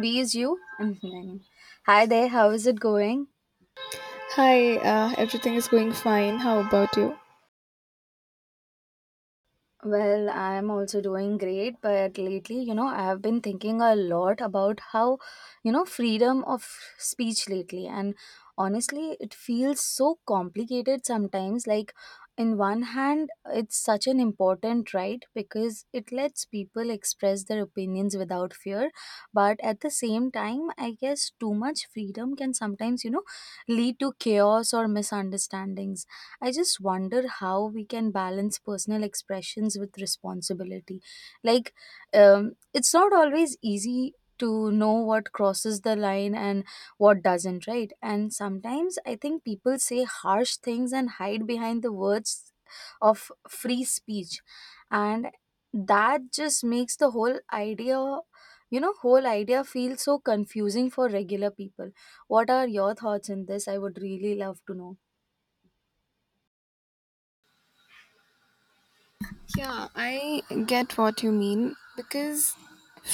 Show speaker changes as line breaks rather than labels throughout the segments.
B is you and mine. Hi there, how is it going?
Hi, everything is going fine. How about you?
Well, I'm also doing great, but lately, I have been thinking a lot about how, freedom of speech lately. And honestly, it feels so complicated sometimes. Like, in one hand, it's such an important right because it lets people express their opinions without fear. But at the same time, I guess too much freedom can sometimes, lead to chaos or misunderstandings. I just wonder how we can balance personal expressions with responsibility. Like, it's not always easy to know what crosses the line and what doesn't, right? And sometimes I think people say harsh things and hide behind the words of free speech. And that just makes the whole idea feel so confusing for regular people. What are your thoughts on this? I would really love to know.
Yeah, I get what you mean because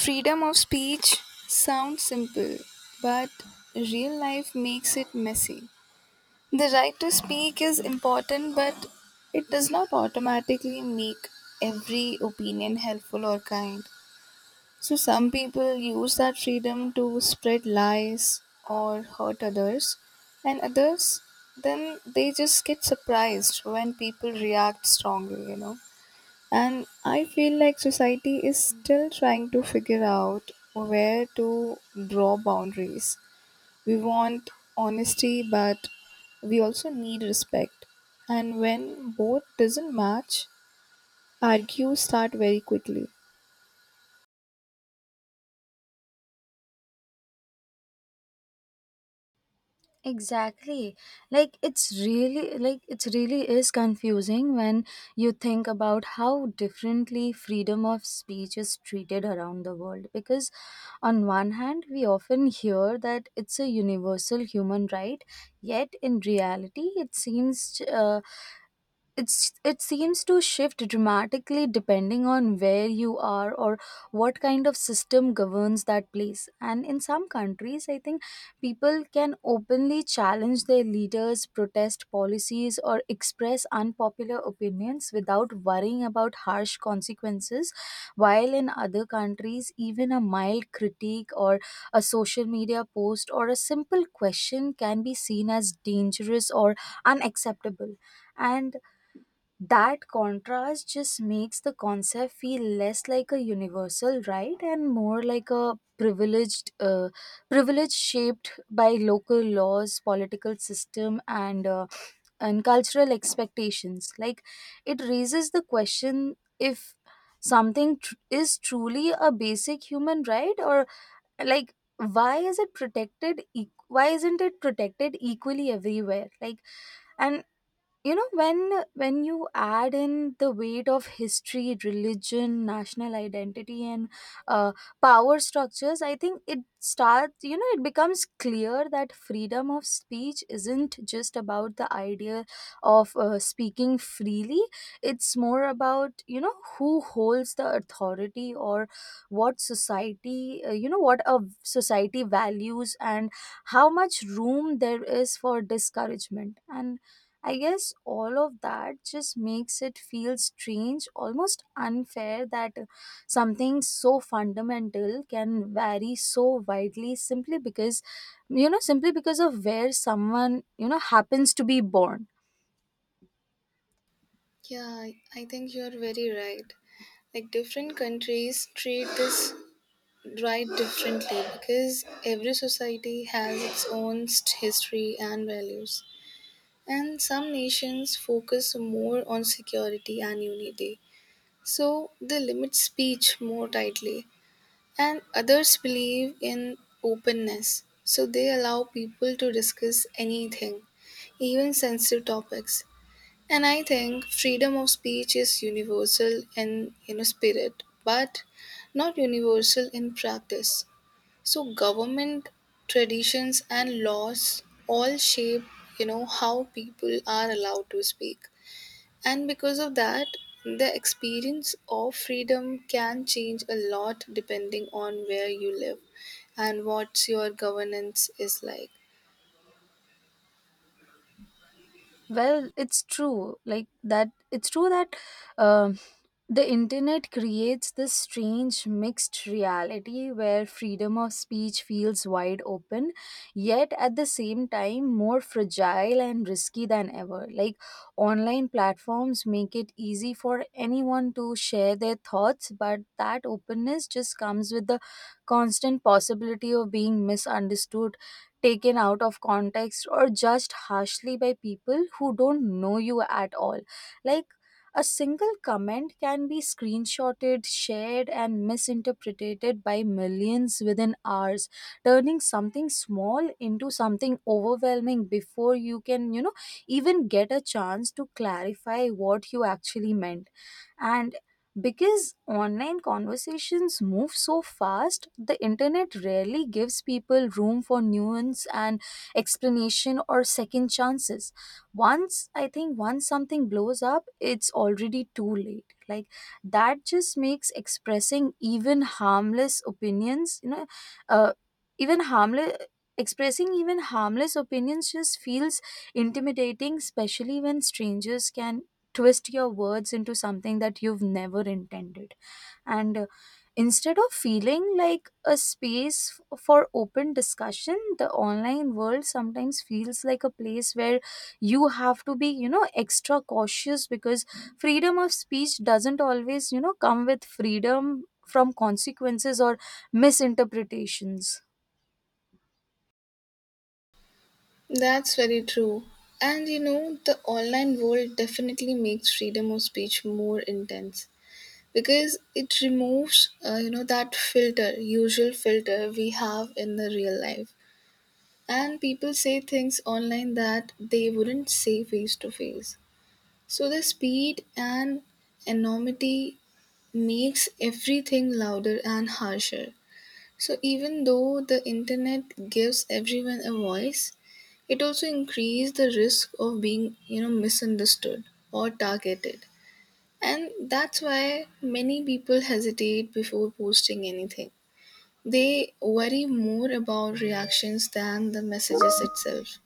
freedom of speech sounds simple, but real life makes it messy. The right to speak is important, but it does not automatically make every opinion helpful or kind. So some people use that freedom to spread lies or hurt others, and others then they just get surprised when people react strongly. And I feel like society is still trying to figure out where to draw boundaries. We want honesty, but we also need respect. And when both doesn't match, argues start very quickly.
Exactly. Like it's really is confusing when you think about how differently freedom of speech is treated around the world, because on one hand we often hear that it's a universal human right, yet in reality it seems it seems to shift dramatically depending on where you are or what kind of system governs that place. And in some countries, I think people can openly challenge their leaders, protest policies, or express unpopular opinions without worrying about harsh consequences. While in other countries, even a mild critique or a social media post or a simple question can be seen as dangerous or unacceptable. And that contrast just makes the concept feel less like a universal right and more like a privilege shaped by local laws, political system, and and cultural expectations. Like, it raises the question if something is truly a basic human right, or, like, why is it why isn't it protected equally everywhere. Like, and you know when when you add in the weight of history, religion, national identity, and uh, power structures, I think it starts you know it becomes clear that freedom of speech isn't just about the idea of speaking freely. It's more about, who holds the authority or what society you know what a society values and how much room there is for discouragement. And I guess all of that just makes it feel strange, almost unfair, that something so fundamental can vary so widely simply because of where someone, happens to be born.
Yeah, I think you're very right. Like different countries treat this right differently because every society has its own history and values. And some nations focus more on security and unity, so they limit speech more tightly. And others believe in openness, so they allow people to discuss anything, even sensitive topics. And I think freedom of speech is universal in spirit, but not universal in practice. So government traditions and laws all shape how people are allowed to speak. And because of that, the experience of freedom can change a lot depending on where you live and what your governance is like.
Well, it's true. Like that, it's true that um the internet creates this strange mixed reality where freedom of speech feels wide open, yet at the same time more fragile and risky than ever. Like, online platforms make it easy for anyone to share their thoughts, but that openness just comes with the constant possibility of being misunderstood, taken out of context, or judged harshly by people who don't know you at all. Like, a single comment can be screenshotted, shared, and misinterpreted by millions within hours, turning something small into something overwhelming before you can, even get a chance to clarify what you actually meant. And because online conversations move so fast, the internet rarely gives people room for nuance and explanation or second chances. Once, I think, once something blows up, it's already too late. Like, that just makes expressing even harmless opinions, you know, uh, even harmless expressing even harmless opinions just feels intimidating, especially when strangers can twist your words into something that you've never intended. And instead of feeling like a space for open discussion, the online world sometimes feels like a place where you have to be, extra cautious because freedom of speech doesn't always, come with freedom from consequences or misinterpretations.
That's very true. And you know, the online world definitely makes freedom of speech more intense because it removes, you know, that filter, usual filter we have in the real life. And people say things online that they wouldn't say face to face. So the speed and anonymity makes everything louder and harsher. So even though the internet gives everyone a voice, it also increased the risk of being, you know, misunderstood or targeted. And that's why many people hesitate before posting anything. They worry more about reactions than the messages itself.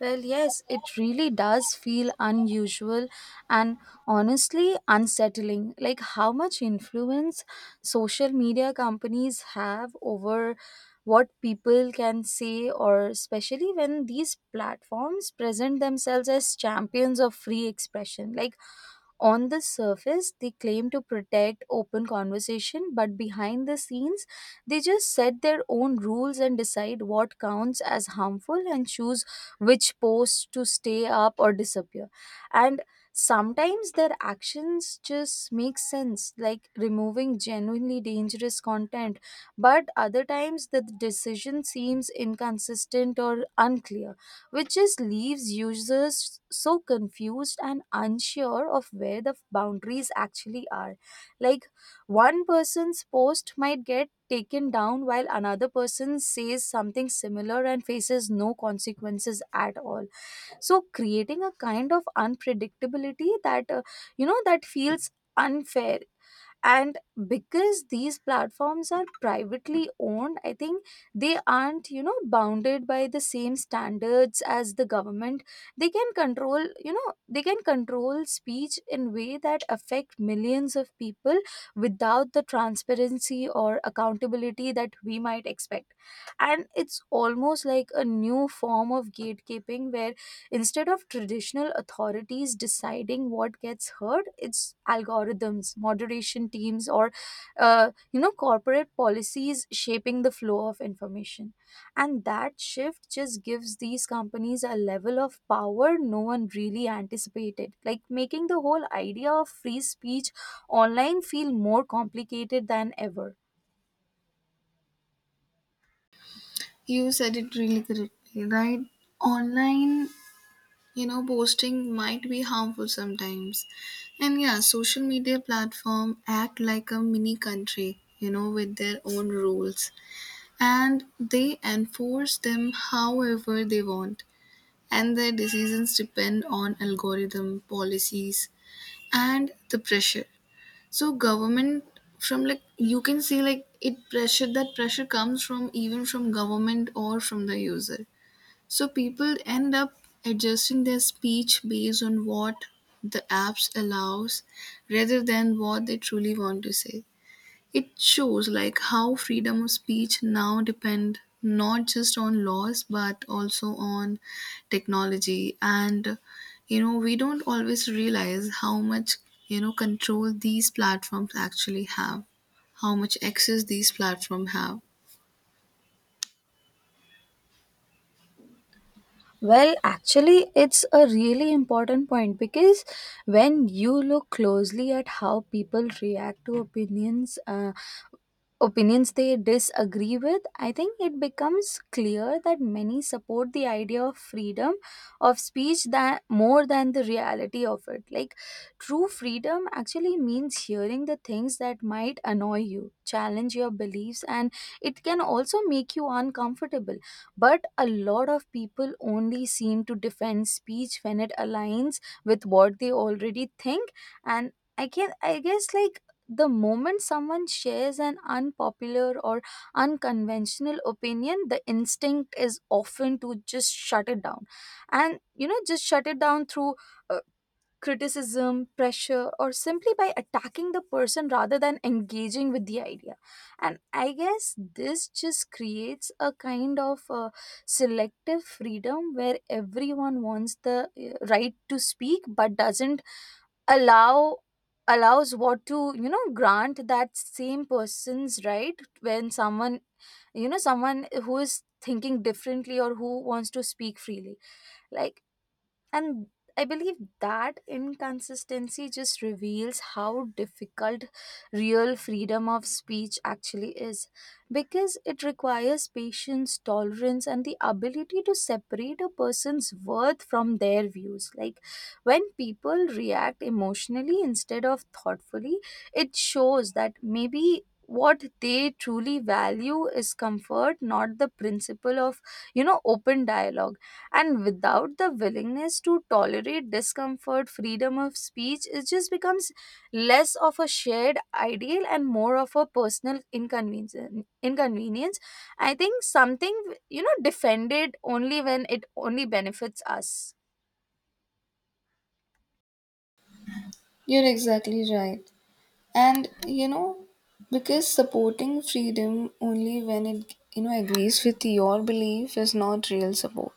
Well, yes, it really does feel unusual and honestly unsettling. Like, how much influence social media companies have over what people can say, or especially when these platforms present themselves as champions of free expression. Like, on the surface, they claim to protect open conversation, but behind the scenes, they just set their own rules and decide what counts as harmful and choose which posts to stay up or disappear. And sometimes their actions just make sense, like removing genuinely dangerous content, but other times the decision seems inconsistent or unclear, which just leaves users so confused and unsure of where the boundaries actually are. Like, one person's post might get taken down while another person says something similar and faces no consequences at all. So creating a kind of unpredictability that you know that feels unfair. And because these platforms are privately owned, I think they aren't, bounded by the same standards as the government. They can control speech in way that affect millions of people without the transparency or accountability that we might expect. And it's almost like a new form of gatekeeping where, instead of traditional authorities deciding what gets heard, it's algorithms, moderation teams, or corporate policies shaping the flow of information. And that shift just gives these companies a level of power no one really anticipated, like making the whole idea of free speech online feel more complicated than ever.
You said it really correctly, right? Online, you know, posting might be harmful sometimes. And yeah, social media platform act like a mini country, you know, with their own rules. And they enforce them however they want, and their decisions depend on algorithm policies and the pressure. So government, from like you can see like it pressure, that pressure comes from even from government or from the user. So people end up adjusting their speech based on what the apps allows rather than what they truly want to say. It shows like how freedom of speech now depend not just on laws but also on technology. And you know, we don't always realize how much control these platforms actually have, how much access these platforms have.
Well, actually, it's a really important point, because when you look closely at how people react to opinions they disagree with, I think it becomes clear that many support the idea of freedom of speech that more than the reality of it. Like, true freedom actually means hearing the things that might annoy you, challenge your beliefs, and it can also make you uncomfortable. But a lot of people only seem to defend speech when it aligns with what they already think. And I guess, like, the moment someone shares an unpopular or unconventional opinion, the instinct is often to just shut it down and you know just shut it down through uh, criticism, pressure, or simply by attacking the person rather than engaging with the idea. And I guess this just creates a kind of selective freedom where everyone wants the right to speak but doesn't allow allows what to grant that same person's right when someone you know someone who is thinking differently or who wants to speak freely. Like, and I believe that inconsistency just reveals how difficult real freedom of speech actually is, because it requires patience, tolerance, and the ability to separate a person's worth from their views. Like, when people react emotionally instead of thoughtfully, it shows that maybe what they truly value is comfort, not the principle of, open dialogue. And without the willingness to tolerate discomfort, freedom of speech, it just becomes less of a shared ideal and more of a personal inconvenience. Inconvenience. I think something, defended only when it only benefits us.
You're exactly right. And you know, because supporting freedom only when it agrees with your belief is not real support.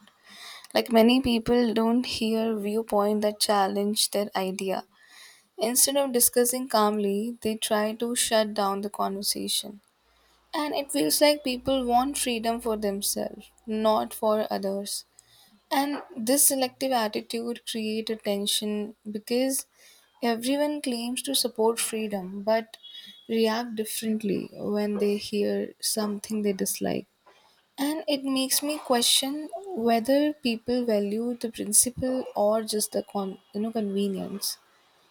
Like many people don't hear viewpoint that challenge their idea. Instead of discussing calmly, they try to shut down the conversation. And it feels like people want freedom for themselves, not for others. And this selective attitude creates a tension because everyone claims to support freedom but react differently when they hear something they dislike. And it makes me question whether people value the principle or just the you know convenience.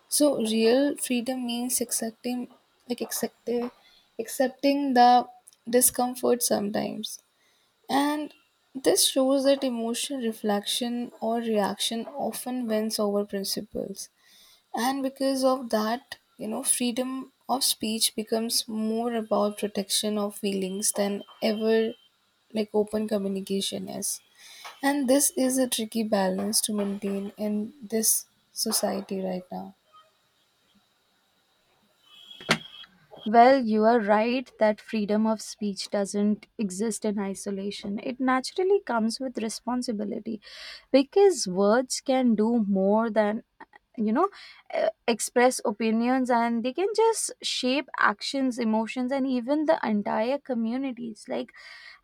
So real freedom means accepting like accepting accepting the discomfort sometimes. And this shows that emotional reflection or reaction often wins over principles. And because of that, you know, freedom of speech becomes more about protection of feelings than ever like open communication is. And this is a tricky balance to maintain in this society right now.
Well, you are right that freedom of speech doesn't exist in isolation. It naturally comes with responsibility, because words can do more than you know express opinions, and they can just shape actions, emotions, and even the entire communities. Like,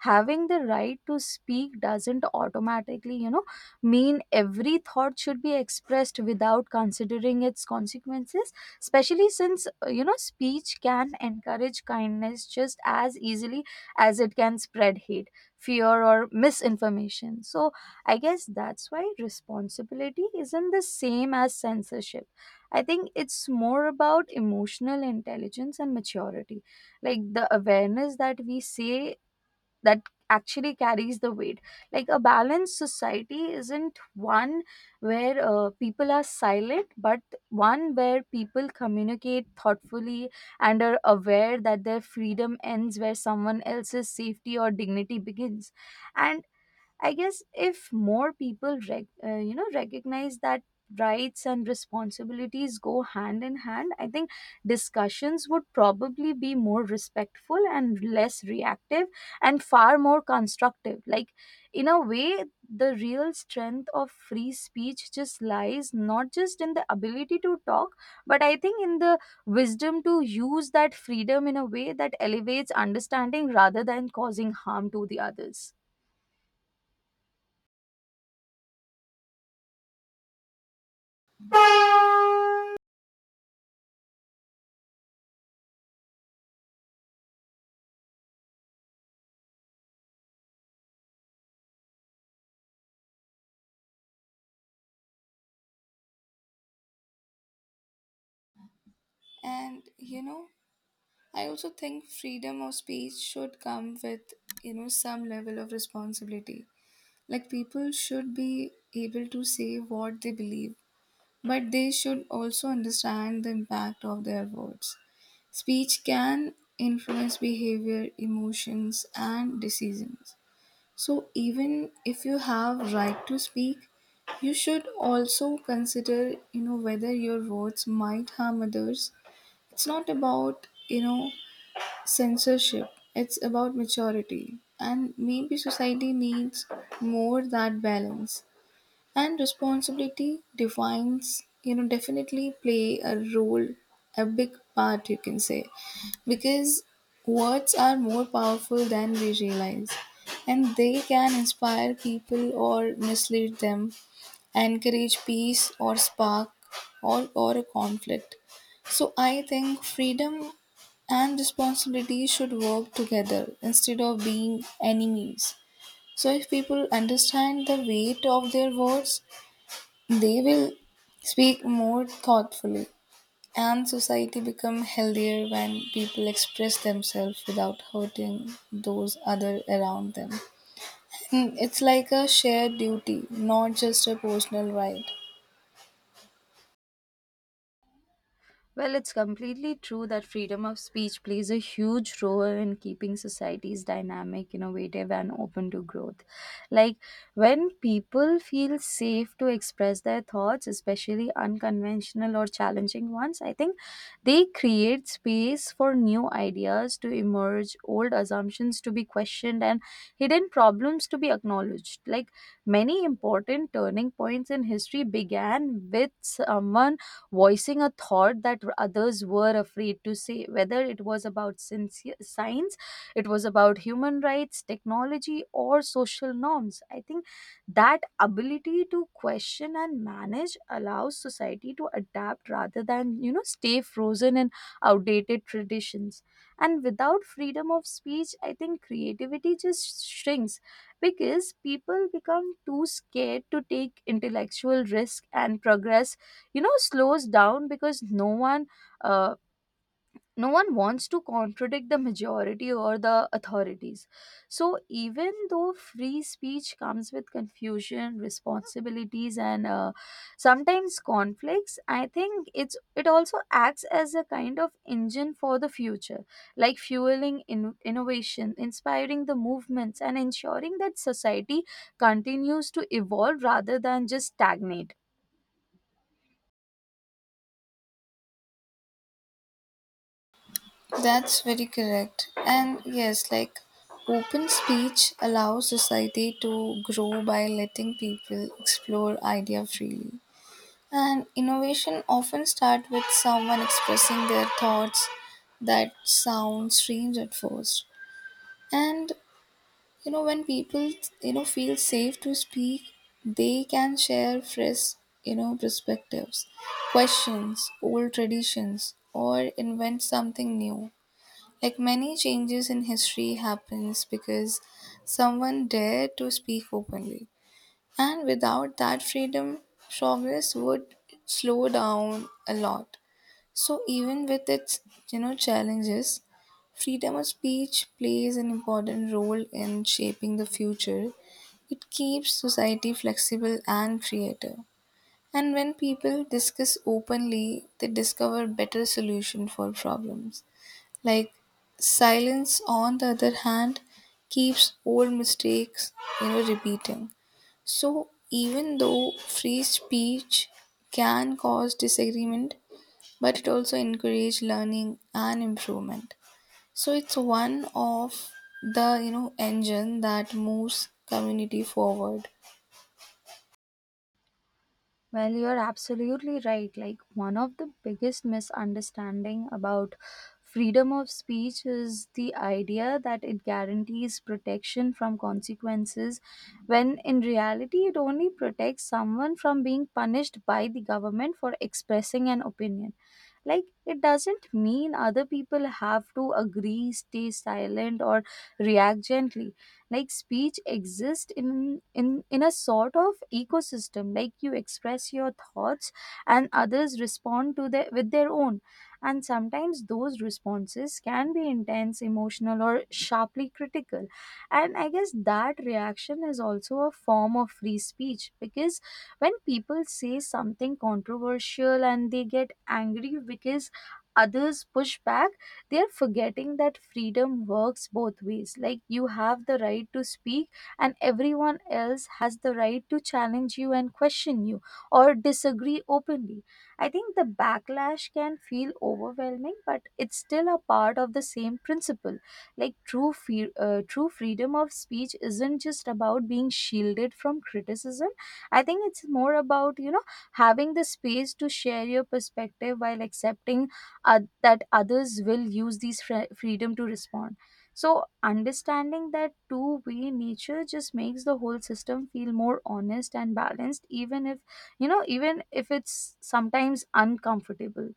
having the right to speak doesn't automatically, mean every thought should be expressed without considering its consequences, especially since speech can encourage kindness just as easily as it can spread hate, fear, or misinformation. So I guess that's why responsibility isn't the same as censorship. I think it's more about emotional intelligence and maturity, like the awareness that we say that actually carries the weight. Like, a balanced society isn't one where people are silent, but one where people communicate thoughtfully and are aware that their freedom ends where someone else's safety or dignity begins. And I guess if more people, recognize that rights and responsibilities go hand in hand, I think discussions would probably be more respectful and less reactive and far more constructive. Like, in a way, the real strength of free speech just lies not just in the ability to talk, but I think in the wisdom to use that freedom in a way that elevates understanding rather than causing harm to the others.
And you know, I also think freedom of speech should come with, you know, some level of responsibility. Like people should be able to say what they believe, but they should also understand the impact of their words. Speech can influence behavior, emotions, and decisions. So even if you have right to speak, you should also consider, you know, whether your words might harm others. It's not about, you know, censorship. It's about maturity. And maybe society needs more that balance, and responsibility defines you know definitely play a role, a big part you can say, because words are more powerful than we realize, and they can inspire people or mislead them, encourage peace or spark or a conflict. So I think freedom and responsibility should work together instead of being enemies. So if people understand the weight of their words, they will speak more thoughtfully, and society become healthier when people express themselves without hurting those other around them. And it's like a shared duty, not just a personal right.
Well, it's completely true that freedom of speech plays a huge role in keeping societies dynamic, innovative, and open to growth. Like, when people feel safe to express their thoughts, especially unconventional or challenging ones, I think they create space for new ideas to emerge, old assumptions to be questioned, and hidden problems to be acknowledged. Like, many important turning points in history began with someone voicing a thought that others were afraid to say, whether it was about sincere science, it was about human rights, technology, or social norms. I think that ability to question and manage allows society to adapt rather than, stay frozen in outdated traditions. And without freedom of speech, I think creativity just shrinks because people become too scared to take intellectual risk and progress slows down because no one uh, no one wants to contradict the majority or the authorities. So even though free speech comes with confusion responsibilities and sometimes conflicts, I think it also acts as a kind of engine for the future, like fueling innovation, inspiring the movements and ensuring that society continues to evolve rather than just stagnate.
That's very correct. And yes, like open speech allows society to grow by letting people explore idea freely. And innovation often starts with someone expressing their thoughts that sound strange at first. And you know, when people feel safe to speak, they can share fresh perspectives, questions, old traditions, or invent something new. Like many changes in history happens because someone dared to speak openly. And without that freedom, progress would slow down a lot. So even with its challenges, freedom of speech plays an important role in shaping the future. It keeps society flexible and creative. And when people discuss openly, they discover better solution for problems. Like silence on the other hand keeps old mistakes repeating. So, even though free speech can cause disagreement, but it also encourages learning and improvement. So, it's one of the engine that moves community forward.
Well, you're absolutely right. Like, one of the biggest misunderstanding about freedom of speech is the idea that it guarantees protection from consequences, when in reality, it only protects someone from being punished by the government for expressing an opinion. Like, it doesn't mean other people have to agree, stay silent, or react gently. Like speech exists in a sort of ecosystem, like you express your thoughts and others respond to the with their own, and sometimes those responses can be intense emotional or sharply critical. And I guess that reaction is also a form of free speech, because when people say something controversial and they get angry because others push back, they're forgetting that freedom works both ways. Like you have the right to speak and everyone else has the right to challenge you and question you or disagree openly. I think the backlash can feel overwhelming, but it's still a part of the same principle. Like true freedom of speech isn't just about being shielded from criticism. I think it's more about, you know, having the space to share your perspective while accepting that others will use freedom to respond. So understanding that two-way nature just makes the whole system feel more honest and balanced, even if, you know, even if it's sometimes uncomfortable.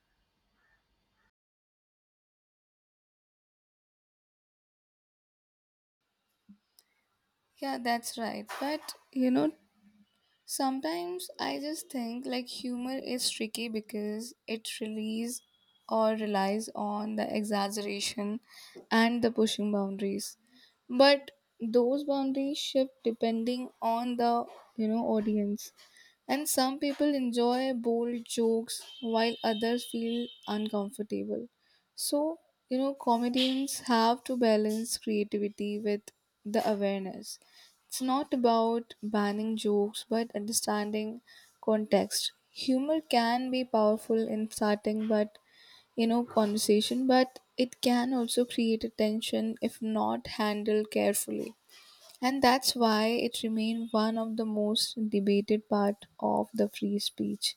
Yeah, that's right. But you know, sometimes I just think like humor is tricky because it relies on the exaggeration and the pushing boundaries. But those boundaries shift depending on the audience. And some people enjoy bold jokes while others feel uncomfortable. So, you know, comedians have to balance creativity with the awareness. It's not about banning jokes but understanding context. Humor can be powerful in starting but conversation, but it can also create a tension if not handled carefully. And that's why it remains one of the most debated part of the free speech.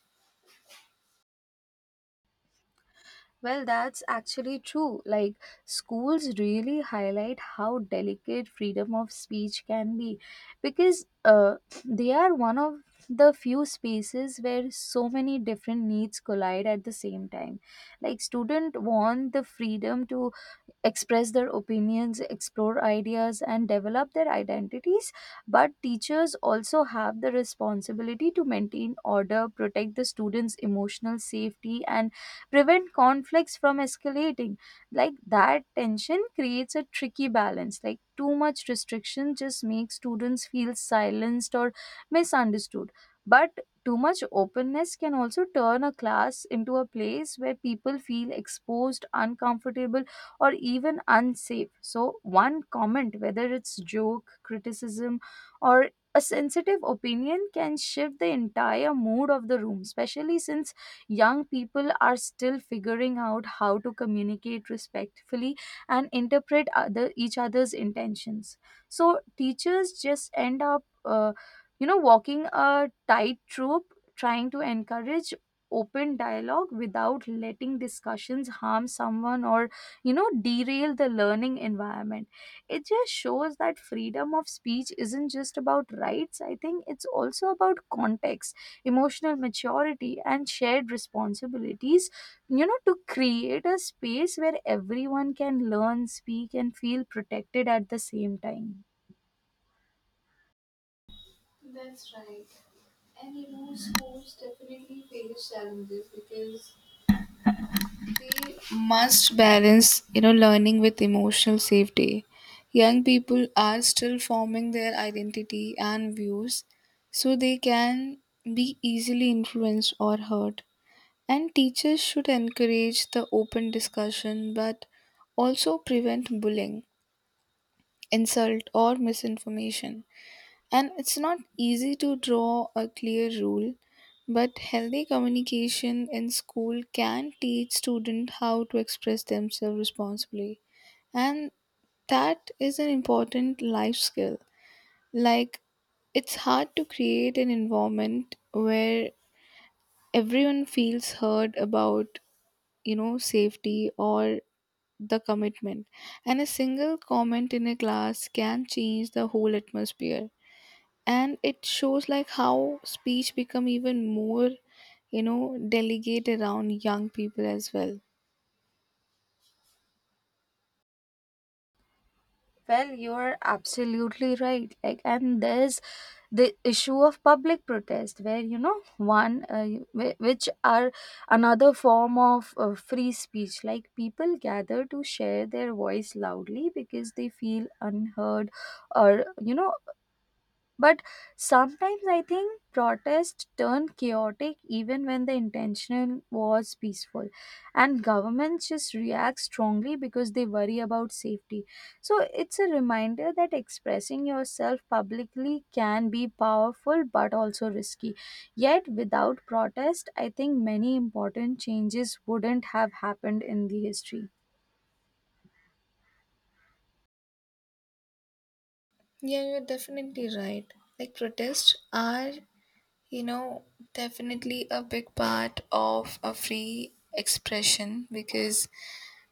Well, that's actually true. Like, schools really highlight how delicate freedom of speech can be because they are one of the few spaces where so many different needs collide at the same time. Like, students want the freedom to express their opinions, explore ideas, and develop their identities. But teachers also have the responsibility to maintain order, protect the students' emotional safety, and prevent conflicts from escalating. Like that tension creates a tricky balance. Like too much restriction just makes students feel silenced or misunderstood. But too much openness can also turn a class into a place where people feel exposed, uncomfortable, or even unsafe. So, one comment, whether it's joke, criticism, or a sensitive opinion can shift the entire mood of the room, especially since young people are still figuring out how to communicate respectfully and interpret other each other's intentions. So teachers just end up, you know, walking a tight trope, trying to encourage open dialogue without letting discussions harm someone or, you know, derail the learning environment. It just shows that freedom of speech isn't just about rights. I think it's also about context, emotional maturity and shared responsibilities, you know, to create a space where everyone can learn, speak and feel protected at the same time.
That's right. And you know, schools definitely face challenges because they must balance, you know, learning with emotional safety. Young people are still forming their identity and views, so they can be easily influenced or hurt. And teachers should encourage the open discussion but also prevent bullying, insult, or misinformation. And it's not easy to draw a clear rule, but healthy communication in school can teach students how to express themselves responsibly. And that is an important life skill. Like, it's hard to create an environment where everyone feels heard about, you know, safety or the commitment. And a single comment in a class can change the whole atmosphere, and it shows like how speech become even more delegate around young people as well.
Well, you're absolutely right. Like, and there's the issue of public protest where, you know, which are another form of free speech. Like people gather to share their voice loudly because they feel unheard, or you know. But sometimes I think protests turn chaotic even when the intention was peaceful, and governments just react strongly because they worry about safety. So it's a reminder that expressing yourself publicly can be powerful but also risky. Yet, without protest, I think many important changes wouldn't have happened in the history.
Yeah, you're definitely right. Like protests are, you know, definitely a big part of a free expression because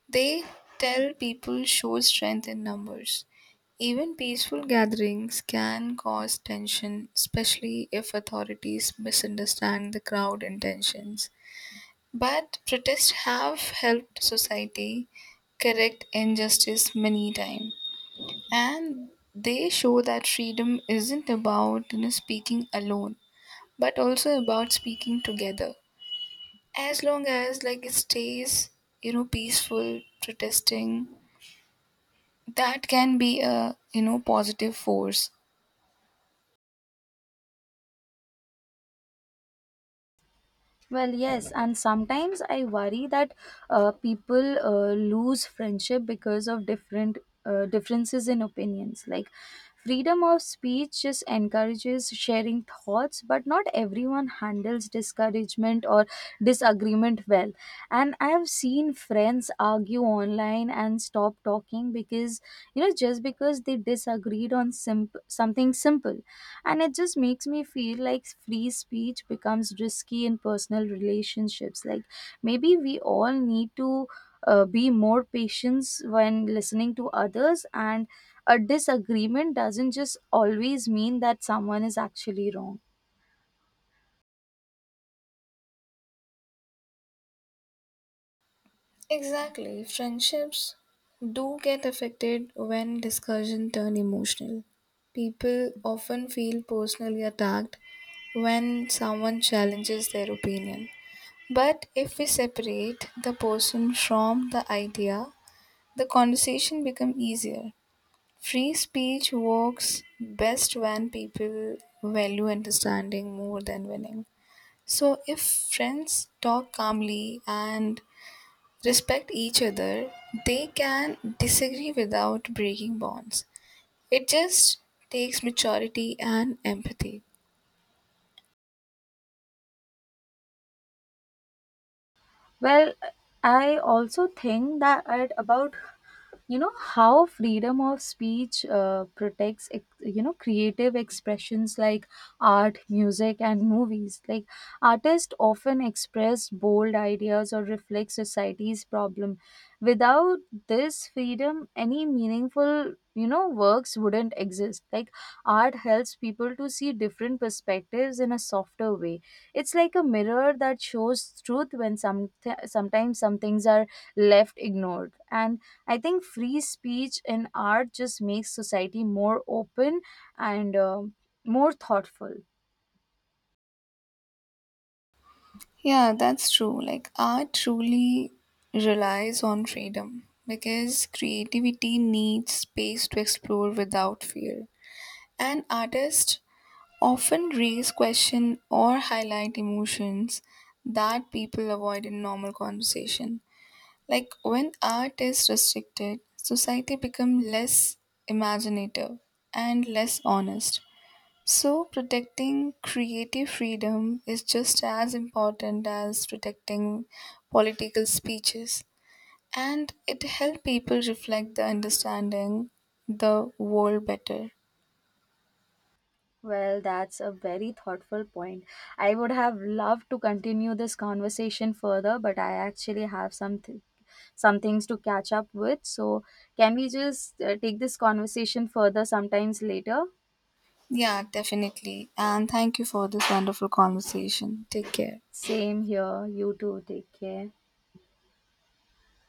they tell people show strength in numbers. Even peaceful gatherings can cause tension, especially if authorities misunderstand the crowd intentions. But protests have helped society correct injustice many times, and they show that freedom isn't about speaking alone, but also about speaking together. As long as like it stays, you know, peaceful protesting, that can be a positive force.
Well, yes, and sometimes I worry that people lose friendship because of different differences in opinions. Like, freedom of speech just encourages sharing thoughts, but not everyone handles discouragement or disagreement well. And I have seen friends argue online and stop talking because, you know, just because they disagreed on something simple. And it just makes me feel like free speech becomes risky in personal relationships. Like maybe we all need to be more patient when listening to others, and a disagreement doesn't just always mean that someone is actually wrong.
Exactly. Friendships do get affected when discussion turn emotional. People often feel personally attacked when someone challenges their opinion. But if we separate the person from the idea, the conversation becomes easier. Free speech works best when people value understanding more than winning. So if friends talk calmly and respect each other, they can disagree without breaking bonds. It just takes maturity and empathy.
Well, I also think that about, you know, how freedom of speech protects you know, creative expressions, like art, music and movies. Like artists often express bold ideas or reflect society's problem. Without this freedom any meaningful, you know, works wouldn't exist. Like art helps people to see different perspectives in a softer way. It's like a mirror that shows truth when sometimes some things are left ignored. And I think free speech in art just makes society more open and more thoughtful.
Yeah, that's true. Like, art truly relies on freedom because creativity needs space to explore without fear. And artists often raise question or highlight emotions that people avoid in normal conversation. Like when art is restricted, society becomes less imaginative and less honest. So, protecting creative freedom is just as important as protecting political speeches. And it helps people reflect the understanding the world better.
Well, that's a very thoughtful point. I would have loved to continue this conversation further, but I actually have some, some things to catch up with. So, can we just take this conversation further sometimes later?
Yeah, definitely. And thank you for this wonderful conversation. Take care.
Same here. You too. Take care.